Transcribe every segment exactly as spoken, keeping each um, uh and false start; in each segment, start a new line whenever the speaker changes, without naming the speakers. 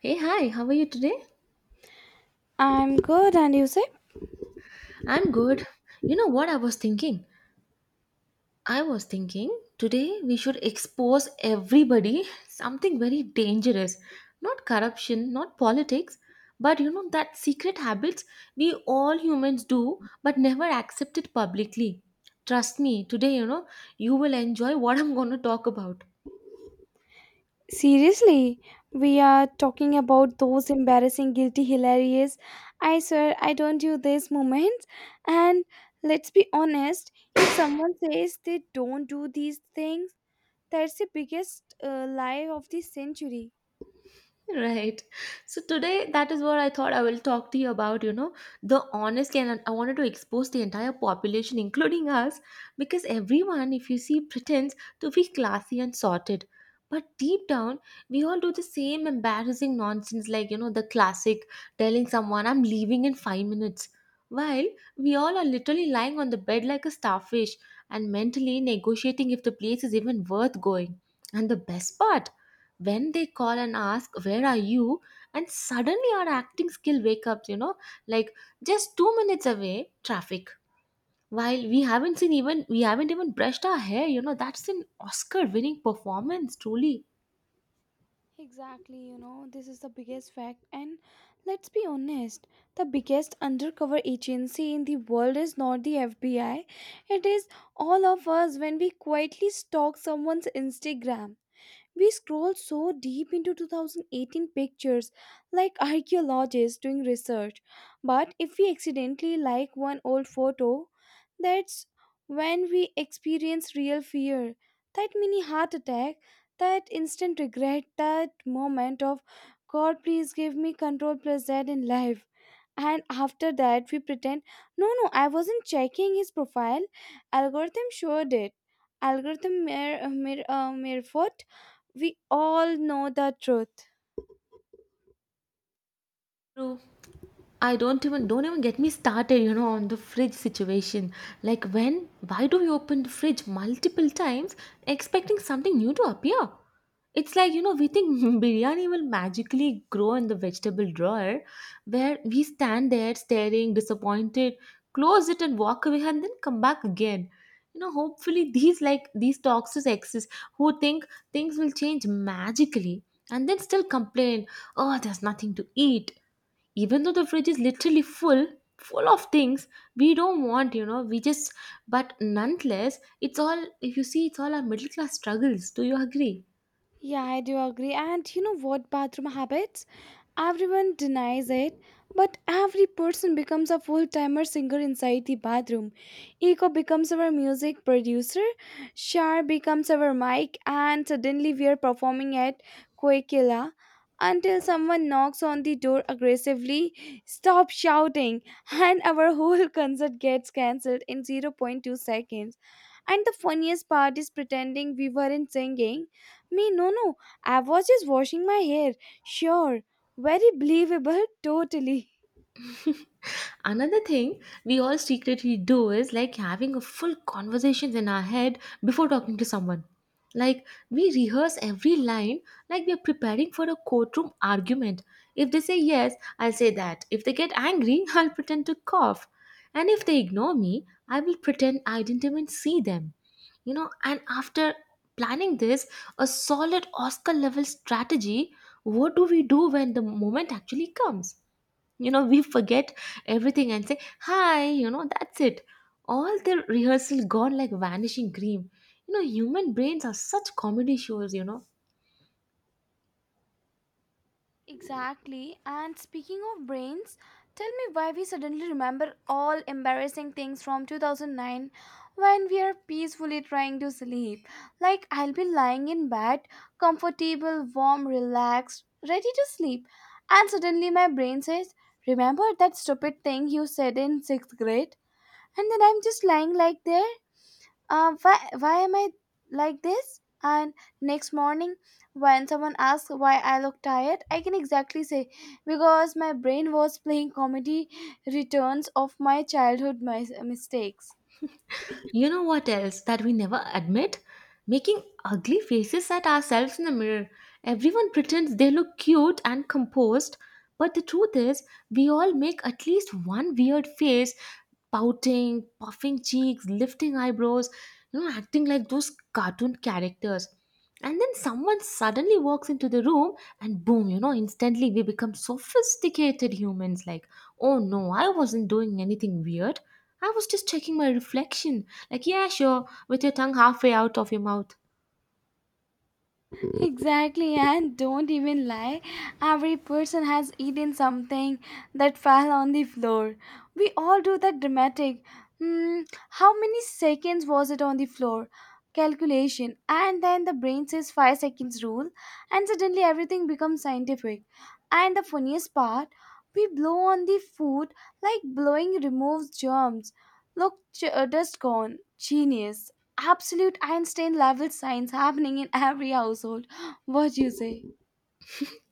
Hey, hi, how are you today?
I'm good, and you say?
I'm good. You know what I was thinking? I was thinking today we should expose everybody something very dangerous. Not corruption, not politics, but you know that secret habits we all humans do but never accept it publicly. Trust me, today, you know, you will enjoy what I'm going to talk about.
Seriously, we are talking about those embarrassing, guilty, hilarious. I swear, I don't do these moments. And let's be honest, if someone says they don't do these things, that's the biggest uh, lie of the century.
Right. So today, that is what I thought I will talk to you about. You know, the honest and I wanted to expose the entire population, including us, because everyone, if you see, pretends to be classy and sorted. But deep down, we all do the same embarrassing nonsense, like, you know, the classic telling someone, I'm leaving in five minutes. While we all are literally lying on the bed like a starfish and mentally negotiating if the place is even worth going. And the best part, when they call and ask where are you and suddenly our acting skill wake up, you know, like just two minutes away, traffic, while we haven't seen, even we haven't even brushed our hair, you know, that's an Oscar winning performance truly.
Exactly, you know, this is the biggest fact. And let's be honest, the biggest undercover agency in the world is not the F B I, it is all of us when we quietly stalk someone's Instagram. We scroll so deep into two thousand eighteen pictures, like archaeologists doing research. But if we accidentally like one old photo, that's when we experience real fear. That mini heart attack, that instant regret, that moment of God, please give me control plus Z in life. And after that, we pretend, no, no, I wasn't checking his profile. Algorithm showed it. Algorithm mere, mere, uh, mere we all know the truth.
True. I don't even don't even get me started, you know, on the fridge situation. Like when why do we open the fridge multiple times expecting something new to appear? It's like, you know, we think biryani will magically grow in the vegetable drawer where we stand there staring, disappointed, close it and walk away and then come back again. You know, hopefully these like these toxic exes who think things will change magically and then still complain, oh, there's nothing to eat. Even though the fridge is literally full, full of things we don't want, you know, we just, but nonetheless, it's all, if you see, it's all our middle class struggles. Do you agree?
Yeah, I do agree. And you know what? Bathroom habits? Everyone denies it, but every person becomes a full timer singer inside the bathroom. Eco becomes our music producer, Shar becomes our mic, and suddenly we are performing at Koikila until someone knocks on the door aggressively, stop shouting, and our whole concert gets cancelled in zero point 0.2 seconds. And the funniest part is pretending we weren't singing me, no, no. I was just washing my hair. Sure. Very believable, totally.
Another thing we all secretly do is like having a full conversations in our head before talking to someone. Like we rehearse every line like we are preparing for a courtroom argument. If they say yes, I'll say that. If they get angry, I'll pretend to cough. And if they ignore me, I will pretend I didn't even see them. You know, and after planning this, a solid Oscar level strategy, what do we do when the moment actually comes? You know, we forget everything and say hi, you know, that's it. All the rehearsal gone like vanishing cream, you know. Human brains are such comedy shows, you know.
Exactly. And speaking of brains, tell me why we suddenly remember all embarrassing things from two thousand nine when we are peacefully trying to sleep. Like, I'll be lying in bed, comfortable, warm, relaxed, ready to sleep. And suddenly my brain says, remember that stupid thing you said in sixth grade? And then I'm just lying like there, uh, why, why am I like this? And next morning, when someone asks why I look tired, I can exactly say because my brain was playing comedy returns of my childhood mis- mistakes.
You know what else that we never admit? Making ugly faces at ourselves in the mirror. Everyone pretends they look cute and composed, but the truth is, we all make at least one weird face, pouting, puffing cheeks, lifting eyebrows, you know, acting like those cartoon characters. And then someone suddenly walks into the room and boom, you know, instantly we become sophisticated humans like, oh no, I wasn't doing anything weird. I was just checking my reflection. Like, yeah, sure, with your tongue halfway out of your mouth.
Exactly, and don't even lie. Every person has eaten something that fell on the floor. We all do that dramatic. Hmm, how many seconds was it on the floor? Calculation, and then the brain says five seconds rule, and suddenly everything becomes scientific. And the funniest part, we blow on the food like blowing removes germs. Look, ch- uh, dust gone. Genius. Absolute Einstein level science happening in every household. What you say?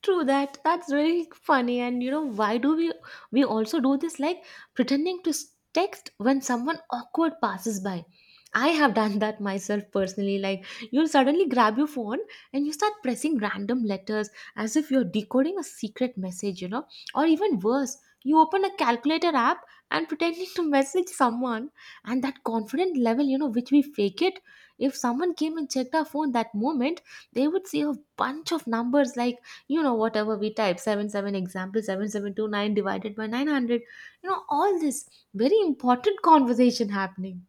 True that. That's really funny. And you know, why do we we also do this like pretending to s- text when someone awkward passes by? I have done that myself personally. Like you'll suddenly grab your phone and you start pressing random letters as if you're decoding a secret message, you know? Or even worse, you open a calculator app and pretending to message someone, and that confident level, you know, which we fake it. If someone came and checked our phone that moment, they would see a bunch of numbers like, you know, whatever we type, seven seven, example seventy-seven twenty-nine divided by nine hundred, you know, all this very important conversation happening.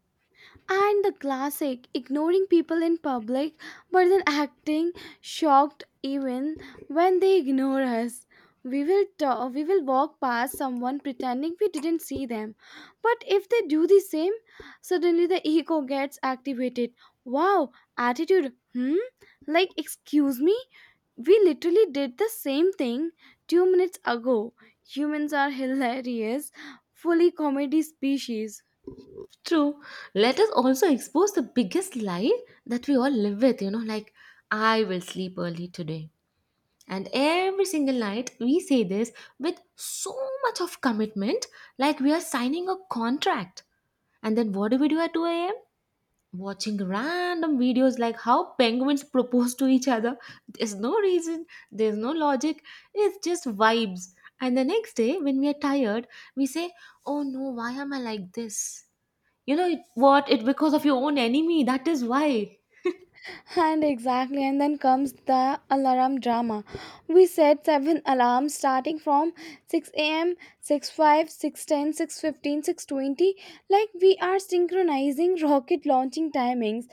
And the classic, ignoring people in public but then acting shocked even when they ignore us. We will ta- we will walk past someone pretending we didn't see them. But if they do the same, suddenly the ego gets activated. Wow, attitude. Hmm? Like excuse me? We literally did the same thing two minutes ago. Humans are hilarious, fully comedy species.
True. Let us also expose the biggest lie that we all live with, you know, like, I will sleep early today. And every single night, we say this with so much of commitment, like we are signing a contract. And then what do we do at two a m? Watching random videos like how penguins propose to each other. There's no reason, there's no logic, it's just vibes. And the next day, when we are tired, we say, oh no, why am I like this? You know it- what? It's because of your own enemy. That is why.
And exactly, and then comes the alarm drama. We set seven alarms starting from six a m, six oh five, six ten, six fifteen, six twenty. Like we are synchronizing rocket launching timings.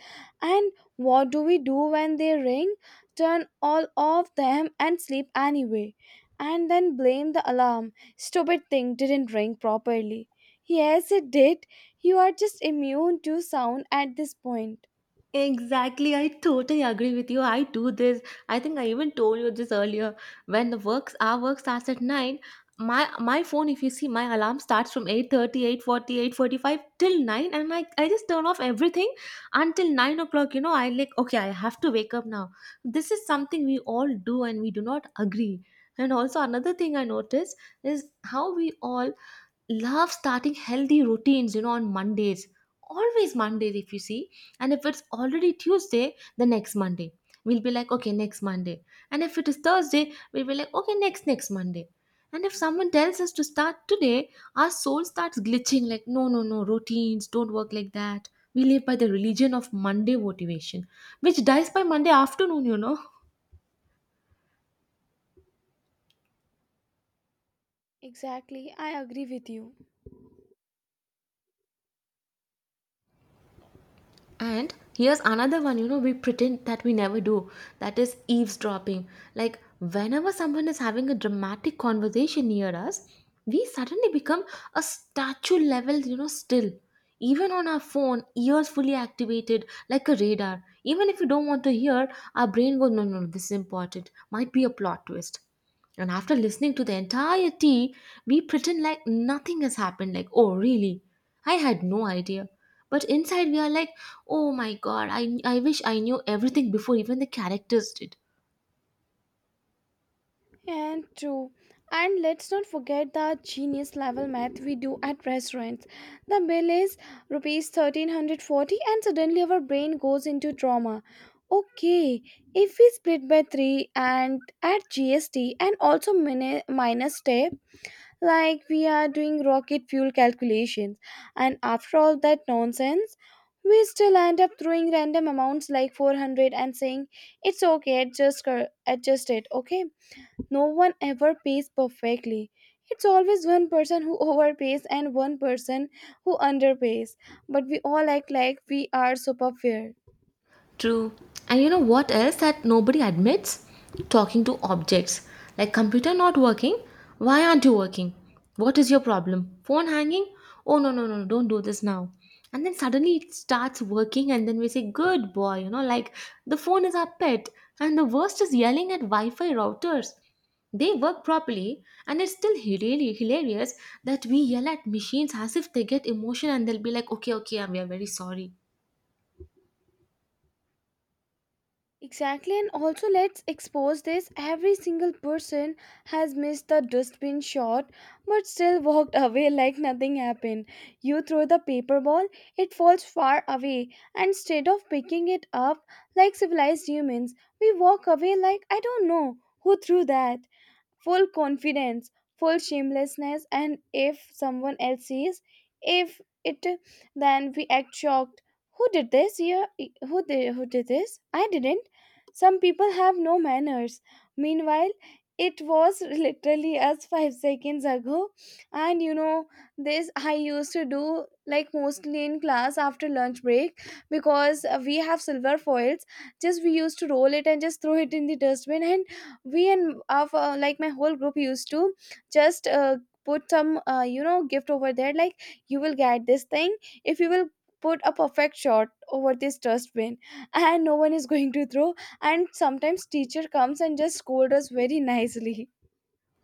And what do we do when they ring? Turn all of them and sleep anyway. And then blame the alarm. Stupid thing didn't ring properly. Yes, it did. You are just immune to sound at this point.
Exactly, I totally agree with you. I do this. I think I even told you this earlier. When the works our work starts at nine, my my phone, if you see, my alarm starts from eight thirty, eight forty, eight forty five till nine, and I I just turn off everything until nine o'clock. You know, I like okay, I have to wake up now. This is something we all do, and we do not agree. And also another thing I noticed is how we all love starting healthy routines, you know, on Mondays. Always Mondays, if you see. And if it's already Tuesday, the next Monday, we'll be like, okay, next Monday. And if it is Thursday, we'll be like, okay, next next Monday. And if someone tells us to start today, our soul starts glitching like no no no, routines don't work like that. We live by the religion of Monday motivation, which dies by Monday afternoon, you know.
Exactly, I agree with you.
And here's another one, you know, we pretend that we never do. That is eavesdropping. Like, whenever someone is having a dramatic conversation near us, we suddenly become a statue level, you know, still. Even on our phone, ears fully activated, like a radar. Even if you don't want to hear, our brain goes, no, no, no, this is important. Might be a plot twist. And after listening to the entire tea, we pretend like nothing has happened. Like, oh, really? I had no idea. But inside, we are like, oh my god, I, I wish I knew everything before even the characters did.
And true. And let's not forget the genius level math we do at restaurants. The bill is rupees thirteen forty and suddenly our brain goes into trauma. Okay, if we split by three and add G S T and also min- minus, like we are doing rocket fuel calculations, and after all that nonsense we still end up throwing random amounts like four hundred and saying it's okay, adjust cur- adjust it, okay. No one ever pays perfectly. It's always one person who overpays and one person who underpays, but we all act like we are super fair.
True. And you know what else that nobody admits? Talking to objects. Like computer not working. Why aren't you working? What is your problem? Phone hanging? Oh no no no, no, don't do this now. And then suddenly it starts working and then we say good boy, you know, like the phone is our pet. And the worst is yelling at Wi-Fi routers. They work properly and it's still really hilarious that we yell at machines as if they get emotion and they'll be like okay okay, we are very sorry.
Exactly, and also let's expose this. Every single person has missed the dustbin shot but still walked away like nothing happened. You throw the paper ball, it falls far away, and instead of picking it up like civilized humans, we walk away like I don't know who threw that. Full confidence, full shamelessness, and if someone else sees, if it, then we act shocked. Who did this? Yeah, who did who did this? I didn't. Some people have no manners. Meanwhile, it was literally us five seconds ago. And you know, this I used to do like mostly in class after lunch break because uh, we have silver foils. Just we used to roll it and just throw it in the dustbin, and we and of uh, like my whole group used to just uh, put some uh, you know, gift over there like you will get this thing if you will put a perfect shot over this dustbin, and no one is going to throw. And sometimes teacher comes and just scold us very nicely.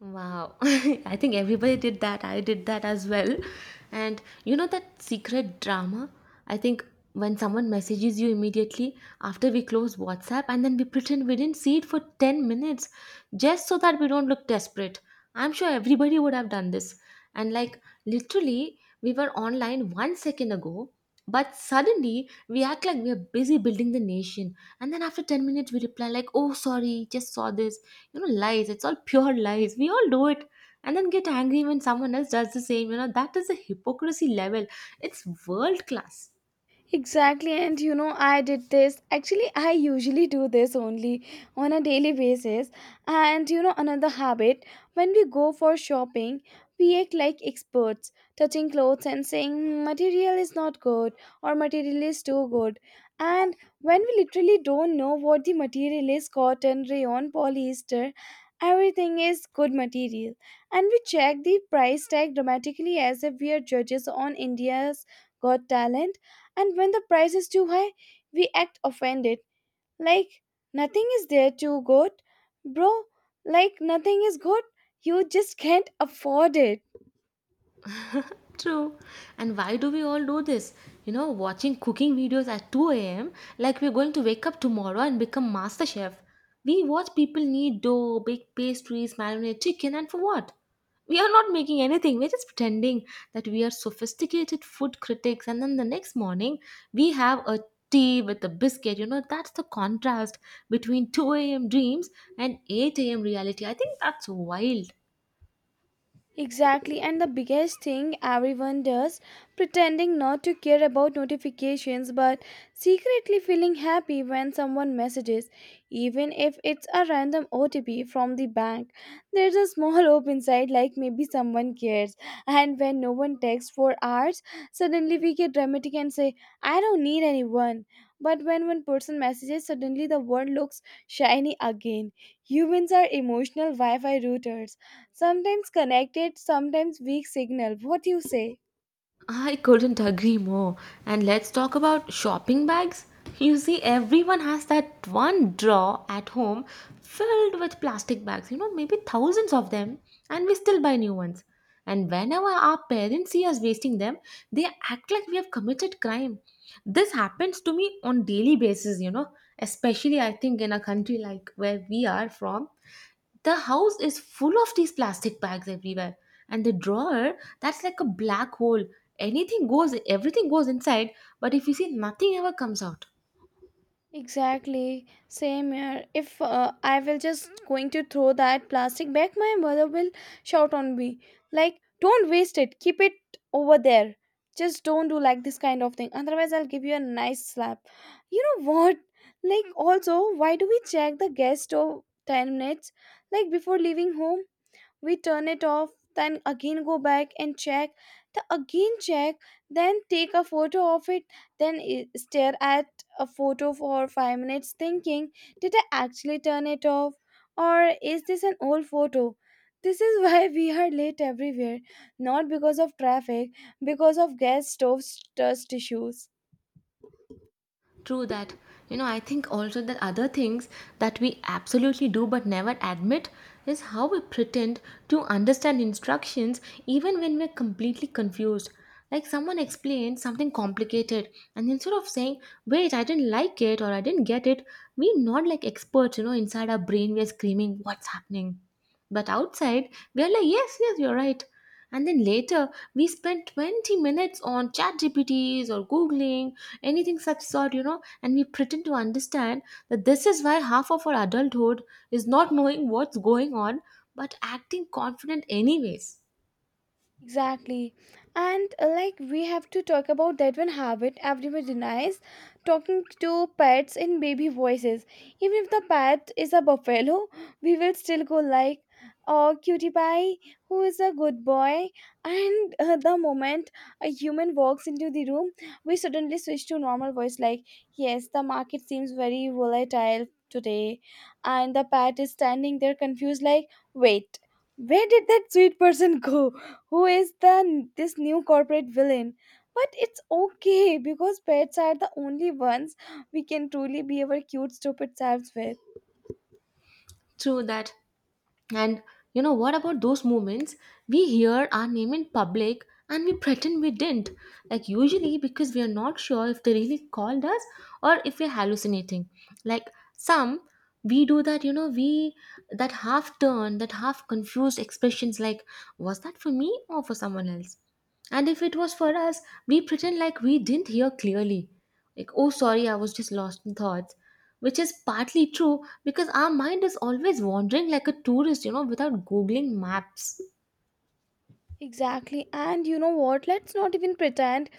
Wow. I think everybody did that. I did that as well. And you know that secret drama? I think when someone messages you immediately after we close WhatsApp and then we pretend we didn't see it for ten minutes just so that we don't look desperate. I'm sure everybody would have done this. And like literally, we were online one second ago, but suddenly we act like we are busy building the nation. And then after ten minutes, we reply like, oh, sorry, just saw this. You know, lies, it's all pure lies, we all do it, and then get angry when someone else does the same, you know. That is a hypocrisy level, it's world class.
Exactly, and you know, I did this. Actually, I usually do this only on a daily basis. And you know, another habit, when we go for shopping, we act like experts, touching clothes and saying, "Hmm, material is not good or material is too good." And when we literally don't know what the material is, cotton, rayon, polyester, everything is good material. And we check the price tag dramatically as if we are judges on India's Got Talent, and when the price is too high, we act offended, like nothing is there too good. Bro, like nothing is good, you just can't afford it.
True. And why do we all do this? You know, watching cooking videos at two a m like we're going to wake up tomorrow and become master chef. We watch people knead dough, bake pastries, marinate chicken, and for what? We are not making anything. We're just pretending that we are sophisticated food critics, and then the next morning we have a tea with a biscuit. You know, that's the contrast between two a m dreams and eight a m reality. I think that's wild.
Exactly, and the biggest thing everyone does, pretending not to care about notifications but secretly feeling happy when someone messages, even if it's a random O T P from the bank. There's a small hope inside, like maybe someone cares. And when no one texts for hours, suddenly we get dramatic and say, I don't need anyone. But when one person messages, suddenly the world looks shiny again. Humans are emotional Wi Fi routers. Sometimes connected, sometimes weak signal. What you say?
I couldn't agree more. And let's talk about shopping bags. You see, everyone has that one drawer at home filled with plastic bags, you know, maybe thousands of them, and we still buy new ones. And whenever our parents see us wasting them, they act like we have committed crime. This happens to me on daily basis, you know, especially I think in a country like where we are from, the house is full of these plastic bags everywhere, and the drawer, that's like a black hole. Anything goes, everything goes inside, but if you see, nothing ever comes out.
Exactly, same here. If uh, I will just going to throw that plastic back, my mother will shout on me like, "Don't waste it. Keep it over there. Just don't do like this kind of thing. Otherwise, I'll give you a nice slap." You know what? Like, also, why do we check the gas stove ten minutes like before leaving home? We turn it off, then again go back and check, the again check, then take a photo of it, then i- stare at a photo for five minutes thinking, did I actually turn it off, or is this an old photo? This is why we are late everywhere, not because of traffic, because of gas stove dust issues.
True that. You know, I think also that other things that we absolutely do but never admit is how we pretend to understand instructions even when we're completely confused. Like someone explains something complicated, and instead of saying, wait, I didn't like it or I didn't get it, we're not like experts, you know, inside our brain, we're screaming, what's happening? But outside, we're like, yes, yes, you're right. And then later, we spend twenty minutes on chat G P Ts or Googling anything such sort you know and we pretend to understand that this is why half of our adulthood is not knowing what's going on but acting confident anyways.
Exactly. And uh, like, we have to talk about that one habit everyone denies, talking to pets in baby voices. Even if the pet is a buffalo, we will still go like, oh, cutie pie, who is a good boy. And uh, the moment a human walks into the room, we suddenly switch to normal voice like, yes, the market seems very volatile today. And the pet is standing there confused like, wait, where did that sweet person go? Who is the this new corporate villain? But it's okay because pets are the only ones we can truly be our cute stupid selves with.
True that. And you know what about those moments we hear our name in public and we pretend we didn't? Like, usually because we are not sure if they really called us or if we're hallucinating. Like, some we do that, you know, we that half turn, that half confused expressions like, was that for me or for someone else? And if it was for us, we pretend like we didn't hear clearly. Like, oh, sorry, I was just lost in thoughts, which is partly true because our mind is always wandering like a tourist, you know, without googling maps.
Exactly. And you know what? Let's not even pretend,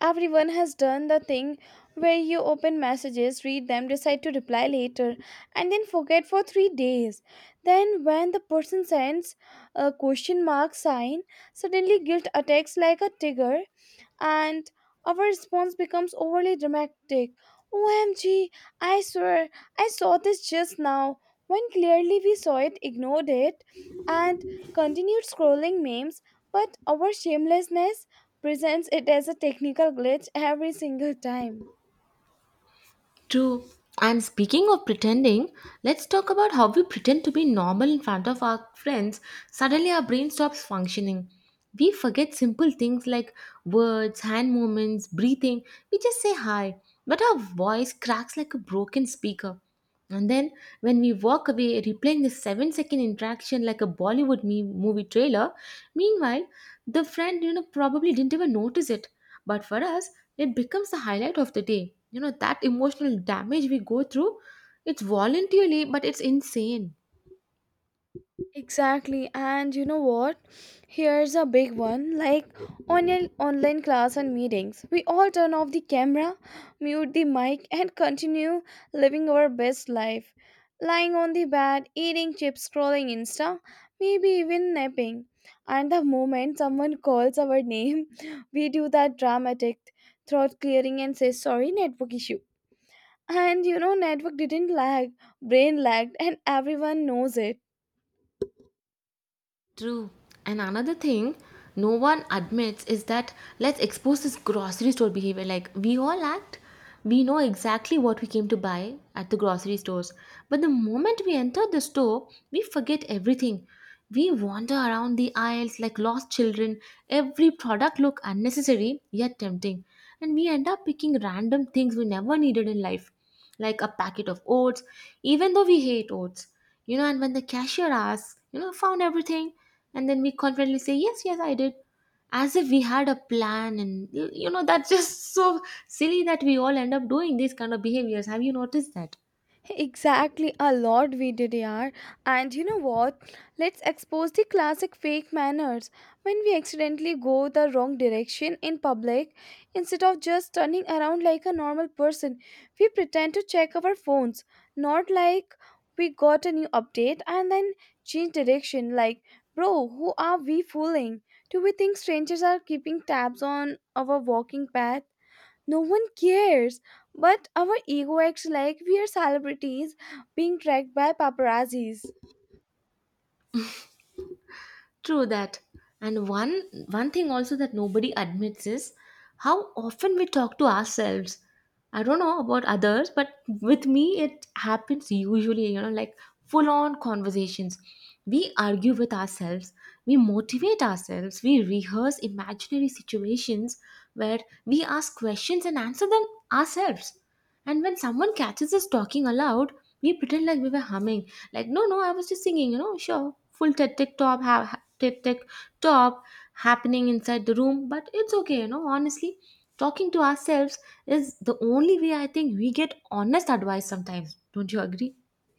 everyone has done the thing where you open messages, read them, decide to reply later, and then forget for three days. Then, when the person sends a question mark sign, suddenly guilt attacks like a tiger and our response becomes overly dramatic. O M G, I swear, I saw this just now, when clearly we saw it, ignored it, and continued scrolling memes, but our shamelessness presents it as a technical glitch every single time.
True. And speaking of pretending, let's talk about how we pretend to be normal in front of our friends. Suddenly, our brain stops functioning. We forget simple things like words, hand movements, breathing. We just say hi, but our voice cracks like a broken speaker. And then, when we walk away, replaying the seven-second interaction like a Bollywood me- movie trailer. Meanwhile, the friend, you know, probably didn't even notice it. But for us, it becomes the highlight of the day. You know, that emotional damage we go through, it's voluntarily, but it's insane.
Exactly, and you know what? Here's a big one, like on your online class and meetings. We all turn off the camera, mute the mic, and continue living our best life. Lying on the bed, eating chips, scrolling Insta, maybe even napping. And the moment someone calls our name, we do that dramatic throat clearing and say, sorry, network issue. And you know, network didn't lag, brain lagged, and everyone knows it.
True. And another thing no one admits is that, let's expose this grocery store behavior. Like, we all act, we know exactly what we came to buy at the grocery stores. But the moment we enter the store, we forget everything. We wander around the aisles like lost children. Every product look unnecessary yet tempting. And we end up picking random things we never needed in life, like a packet of oats, even though we hate oats. You know, and when the cashier asks, you know, found everything, and then we confidently say, yes, yes, I did, as if we had a plan. And, you know, that's just so silly that we all end up doing these kind of behaviors. Have you noticed that?
Exactly, a lot we did, yaar. And you know what? Let's expose the classic fake manners. When we accidentally go the wrong direction in public, instead of just turning around like a normal person, we pretend to check our phones. Not like we got a new update and then change direction. Like, bro, who are we fooling? Do we think strangers are keeping tabs on our walking path? No one cares. But our ego acts like we are celebrities being tracked by paparazzis.
True that. And one one thing also that nobody admits is how often we talk to ourselves. I don't know about others, but with me it happens usually, you know, like full on conversations. We argue with ourselves, we motivate ourselves, we rehearse imaginary situations where we ask questions and answer them ourselves. And when someone catches us talking aloud, we pretend like we were humming. Like, no, no, I was just singing, you know, sure. Full tic tic top, ha- ha- tic tic top happening inside the room. But it's okay, you know, honestly. Talking to ourselves is the only way I think we get honest advice sometimes. Don't you agree?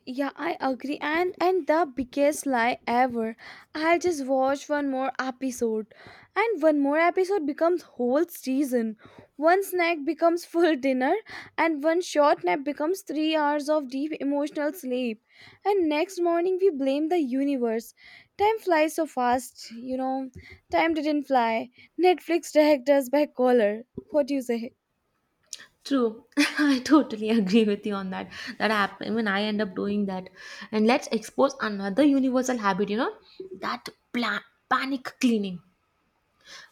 Yeah, I agree. And and the biggest lie ever. I'll just watch one more episode. And one more episode becomes whole season. One snack becomes full dinner and one short nap becomes three hours of deep emotional sleep. And next morning we blame the universe. Time flies so fast, you know. Time didn't fly. Netflix dragged us by collar. What do you say?
True. I totally agree with you on that. That happen when I end up doing that. And let's expose another universal habit, you know, that plan- panic cleaning.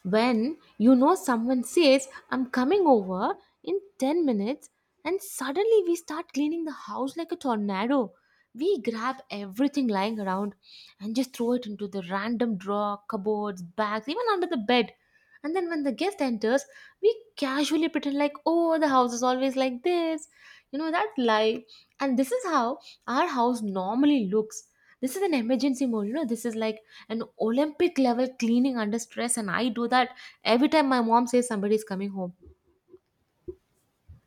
When you know someone says, I'm coming over in ten minutes, and suddenly we start cleaning the house like a tornado. We grab everything lying around and just throw it into the random drawer, cupboards, bags, even under the bed. And then when the guest enters, we casually pretend like, oh, the house is always like this. You know, that lie. And this is how our house normally looks. This is an emergency mode. You know, this is like an Olympic level cleaning under stress. And I do that every time my mom says somebody is coming home.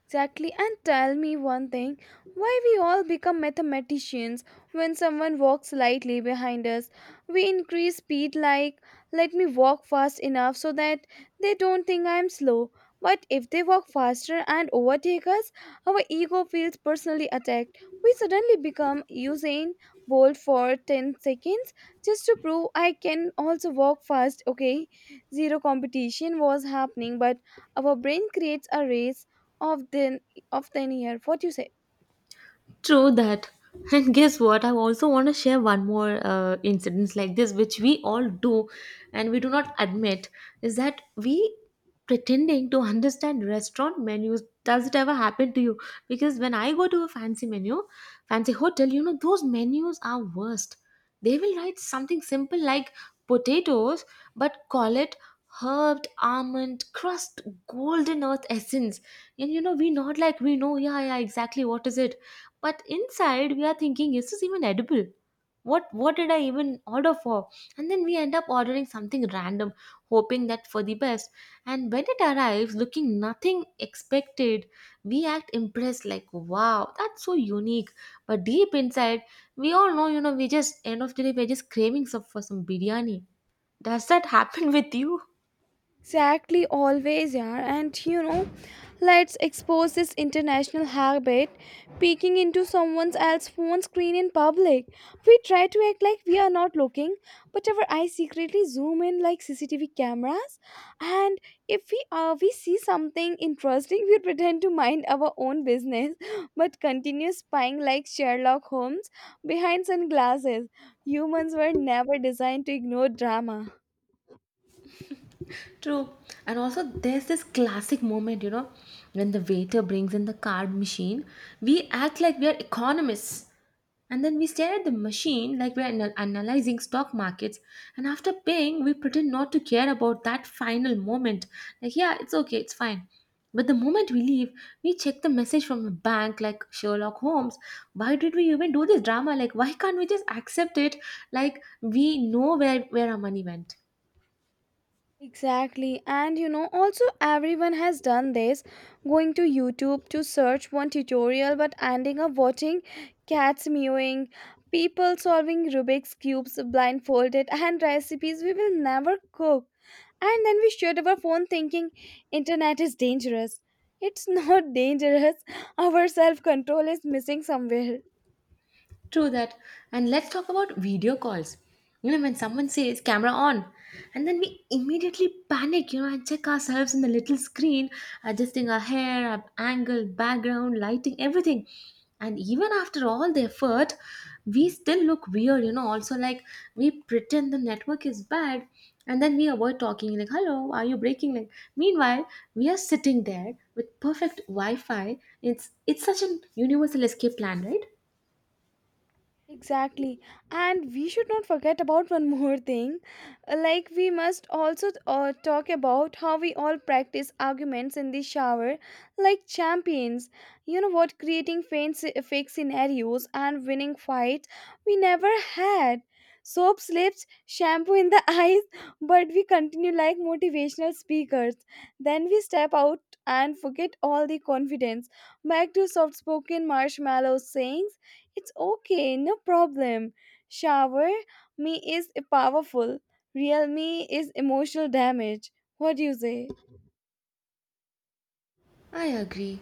Exactly, and tell me one thing why we all become mathematicians when someone walks slightly behind us. We increase speed like, let me walk fast enough so that they don't think I'm slow. But if they walk faster and overtake us, our ego feels personally attacked. We suddenly become Usain Bolt for ten seconds just to prove I can also walk fast, okay? Zero competition was happening, but our brain creates a race of the of the year. What do you say?
True that. And guess what? I also want to share one more uh, incidents like this, which we all do and we do not admit, is that we pretending to understand restaurant menus. Does it ever happen to you? Because when I go to a fancy menu, fancy hotel, you know, those menus are worst. They will write something simple like potatoes, but call it herbed almond crust golden earth essence. And you know, we not like we know, yeah, yeah, exactly what is it, but inside we are thinking, is this even edible? What what did I even order for? And then we end up ordering something random, hoping that for the best. And when it arrives looking nothing expected, we act impressed like, wow, that's so unique. But deep inside, we all know, you know, we just end of the day we're just craving some for some biryani. Does that happen with you?
Exactly, always, yeah. And you know, let's expose this international habit, peeking into someone else's phone screen in public. We try to act like we are not looking, but our eyes secretly zoom in like C C T V cameras. And if we uh, we see something interesting, we pretend to mind our own business, but continue spying like Sherlock Holmes behind sunglasses. Humans were never designed to ignore drama.
True. And also, there's this classic moment, you know, when the waiter brings in the card machine, we act like we are economists. And then we stare at the machine like we're ana- analyzing stock markets. And after paying, we pretend not to care about that final moment. Like, yeah, it's okay, it's fine. But the moment we leave, we check the message from the bank like Sherlock Holmes. Why did we even do this drama? Like, why can't we just accept it? Like, we know where, where our money went.
Exactly. And you know, also everyone has done this going to YouTube to search one tutorial but ending up watching cats mewing, people solving Rubik's Cubes blindfolded, and recipes we will never cook. And then we shut our phone thinking internet is dangerous. It's not dangerous. Our self control is missing somewhere.
True that. And let's talk about video calls. You know, when someone says camera on, and then we immediately panic, you know, and check ourselves in the little screen, adjusting our hair, our angle, background, lighting, everything. And even after all the effort, we still look weird, you know. Also, like, we pretend the network is bad, and then we avoid talking, like, hello, are you breaking? Like, meanwhile, we are sitting there with perfect Wi Fi. It's, it's such an universal escape plan, right?
Exactly. And we should not forget about one more thing. Uh, Like, we must also uh, talk about how we all practice arguments in the shower like champions. You know what? Creating faint, sce- fake scenarios and winning fights we never had. Soap slips, shampoo in the eyes, but we continue like motivational speakers. Then we step out and forget all the confidence. Back to soft spoken marshmallow sayings it's okay, no problem. Shower me is powerful. Real me is emotional damage. What do you say?
I agree.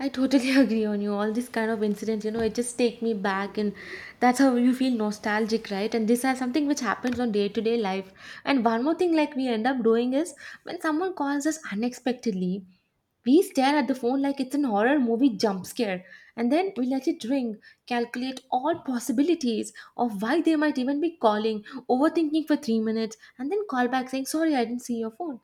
I totally agree on you. All these kind of incidents, you know, it just take me back, and that's how you feel nostalgic, right? And this is something which happens on day to day life. And one more thing, like we end up doing is when someone calls us unexpectedly, we stare at the phone like it's an horror movie jump scare, and then we let it ring, calculate all possibilities of why they might even be calling, overthinking for three minutes, and then call back saying, "Sorry, I didn't see your phone,"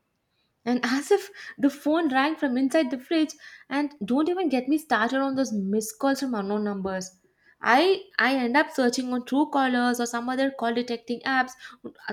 and as if the phone rang from inside the fridge. And don't even get me started on those missed calls from unknown numbers. I i end up searching on true callers or some other call detecting apps,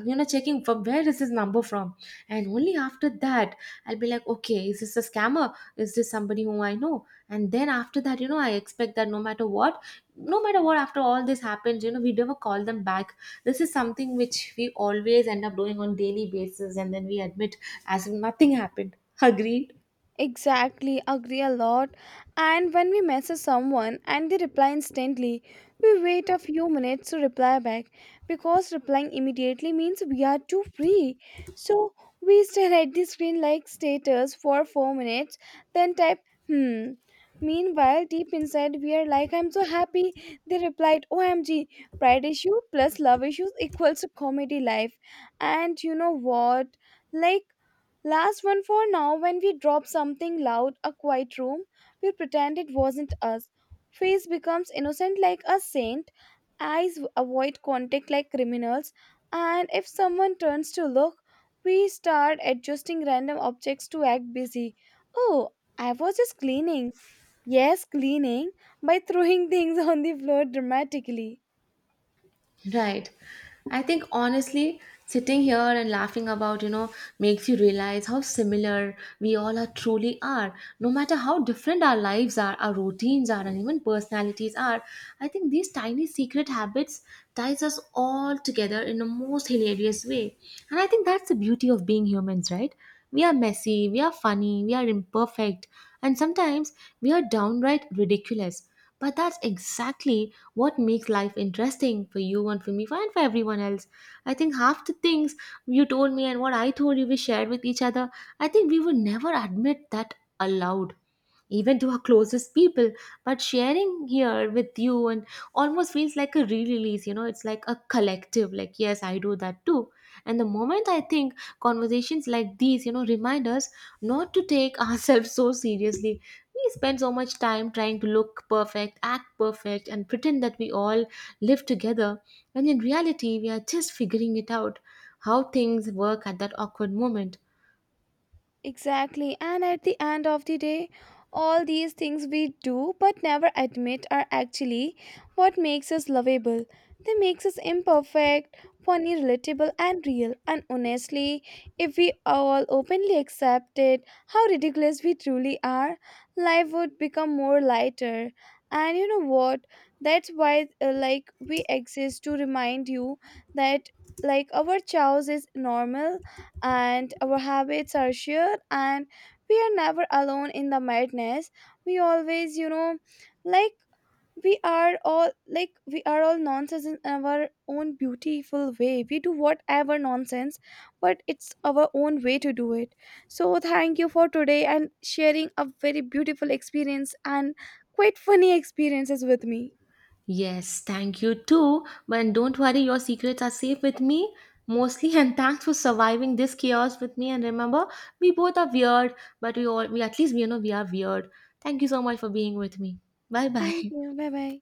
you know, checking from where is this number from. And only after that, I'll be like, okay, is this a scammer, is this somebody whom I know? And then after that, you know, I expect that, no matter what, no matter what after all this happens, you know, we never call them back. This is something which we always end up doing on daily basis, and then we admit as if nothing happened. Agreed.
Exactly, agree a lot. And when we message someone and they reply instantly, we wait a few minutes to reply back because replying immediately means we are too free. So we stare at the screen like status for four minutes, then type hmm. Meanwhile, deep inside, we are like, I'm so happy. They replied, O M G, pride issue plus love issues equals comedy life. And you know what? Like, last one for now when we drop something loud, a quiet room, we pretend it wasn't us. Face becomes innocent like a saint, eyes avoid contact like criminals, and if someone turns to look, we start adjusting random objects to act busy. Oh, I was just cleaning. Yes, cleaning by throwing things on the floor dramatically.
Right. I think honestly, sitting here and laughing about, you know, makes you realize how similar we all are truly are. No matter how different our lives are, our routines are, and even personalities are, I think these tiny secret habits ties us all together in the most hilarious way. And I think that's the beauty of being humans, right? We are messy, we are funny, we are imperfect, and sometimes we are downright ridiculous. But that's exactly what makes life interesting for you and for me and for everyone else. I think half the things you told me and what I told you we shared with each other, I think we would never admit that aloud even to our closest people, but sharing here with you and almost feels like a re-release, you know, it's like a collective, like, yes, I do that too. And the moment I think conversations like these, you know, remind us not to take ourselves so seriously. We spend so much time trying to look perfect, act perfect, and pretend that we all live together, when in reality we are just figuring it out how things work at that awkward moment.
Exactly. And at the end of the day, all these things we do but never admit are actually what makes us lovable. They makes us imperfect, funny, relatable and real. And honestly, if we all openly accepted how ridiculous we truly are, life would become more lighter. And you know what? That's why uh, like we exist to remind you that like our chaos is normal, and our habits are shared, and we are never alone in the madness. We always, you know, like, we are all, like, we are all nonsense in our own beautiful way. We do whatever nonsense, but it's our own way to do it. So thank you for today and sharing a very beautiful experience and quite funny experiences with me.
Yes, thank you too. But don't worry, your secrets are safe with me, mostly. And thanks for surviving this chaos with me. And remember, we both are weird, but we all we at least we you know we are weird. Thank you so much for being with me. Bye
Thank
bye.
you. Bye bye.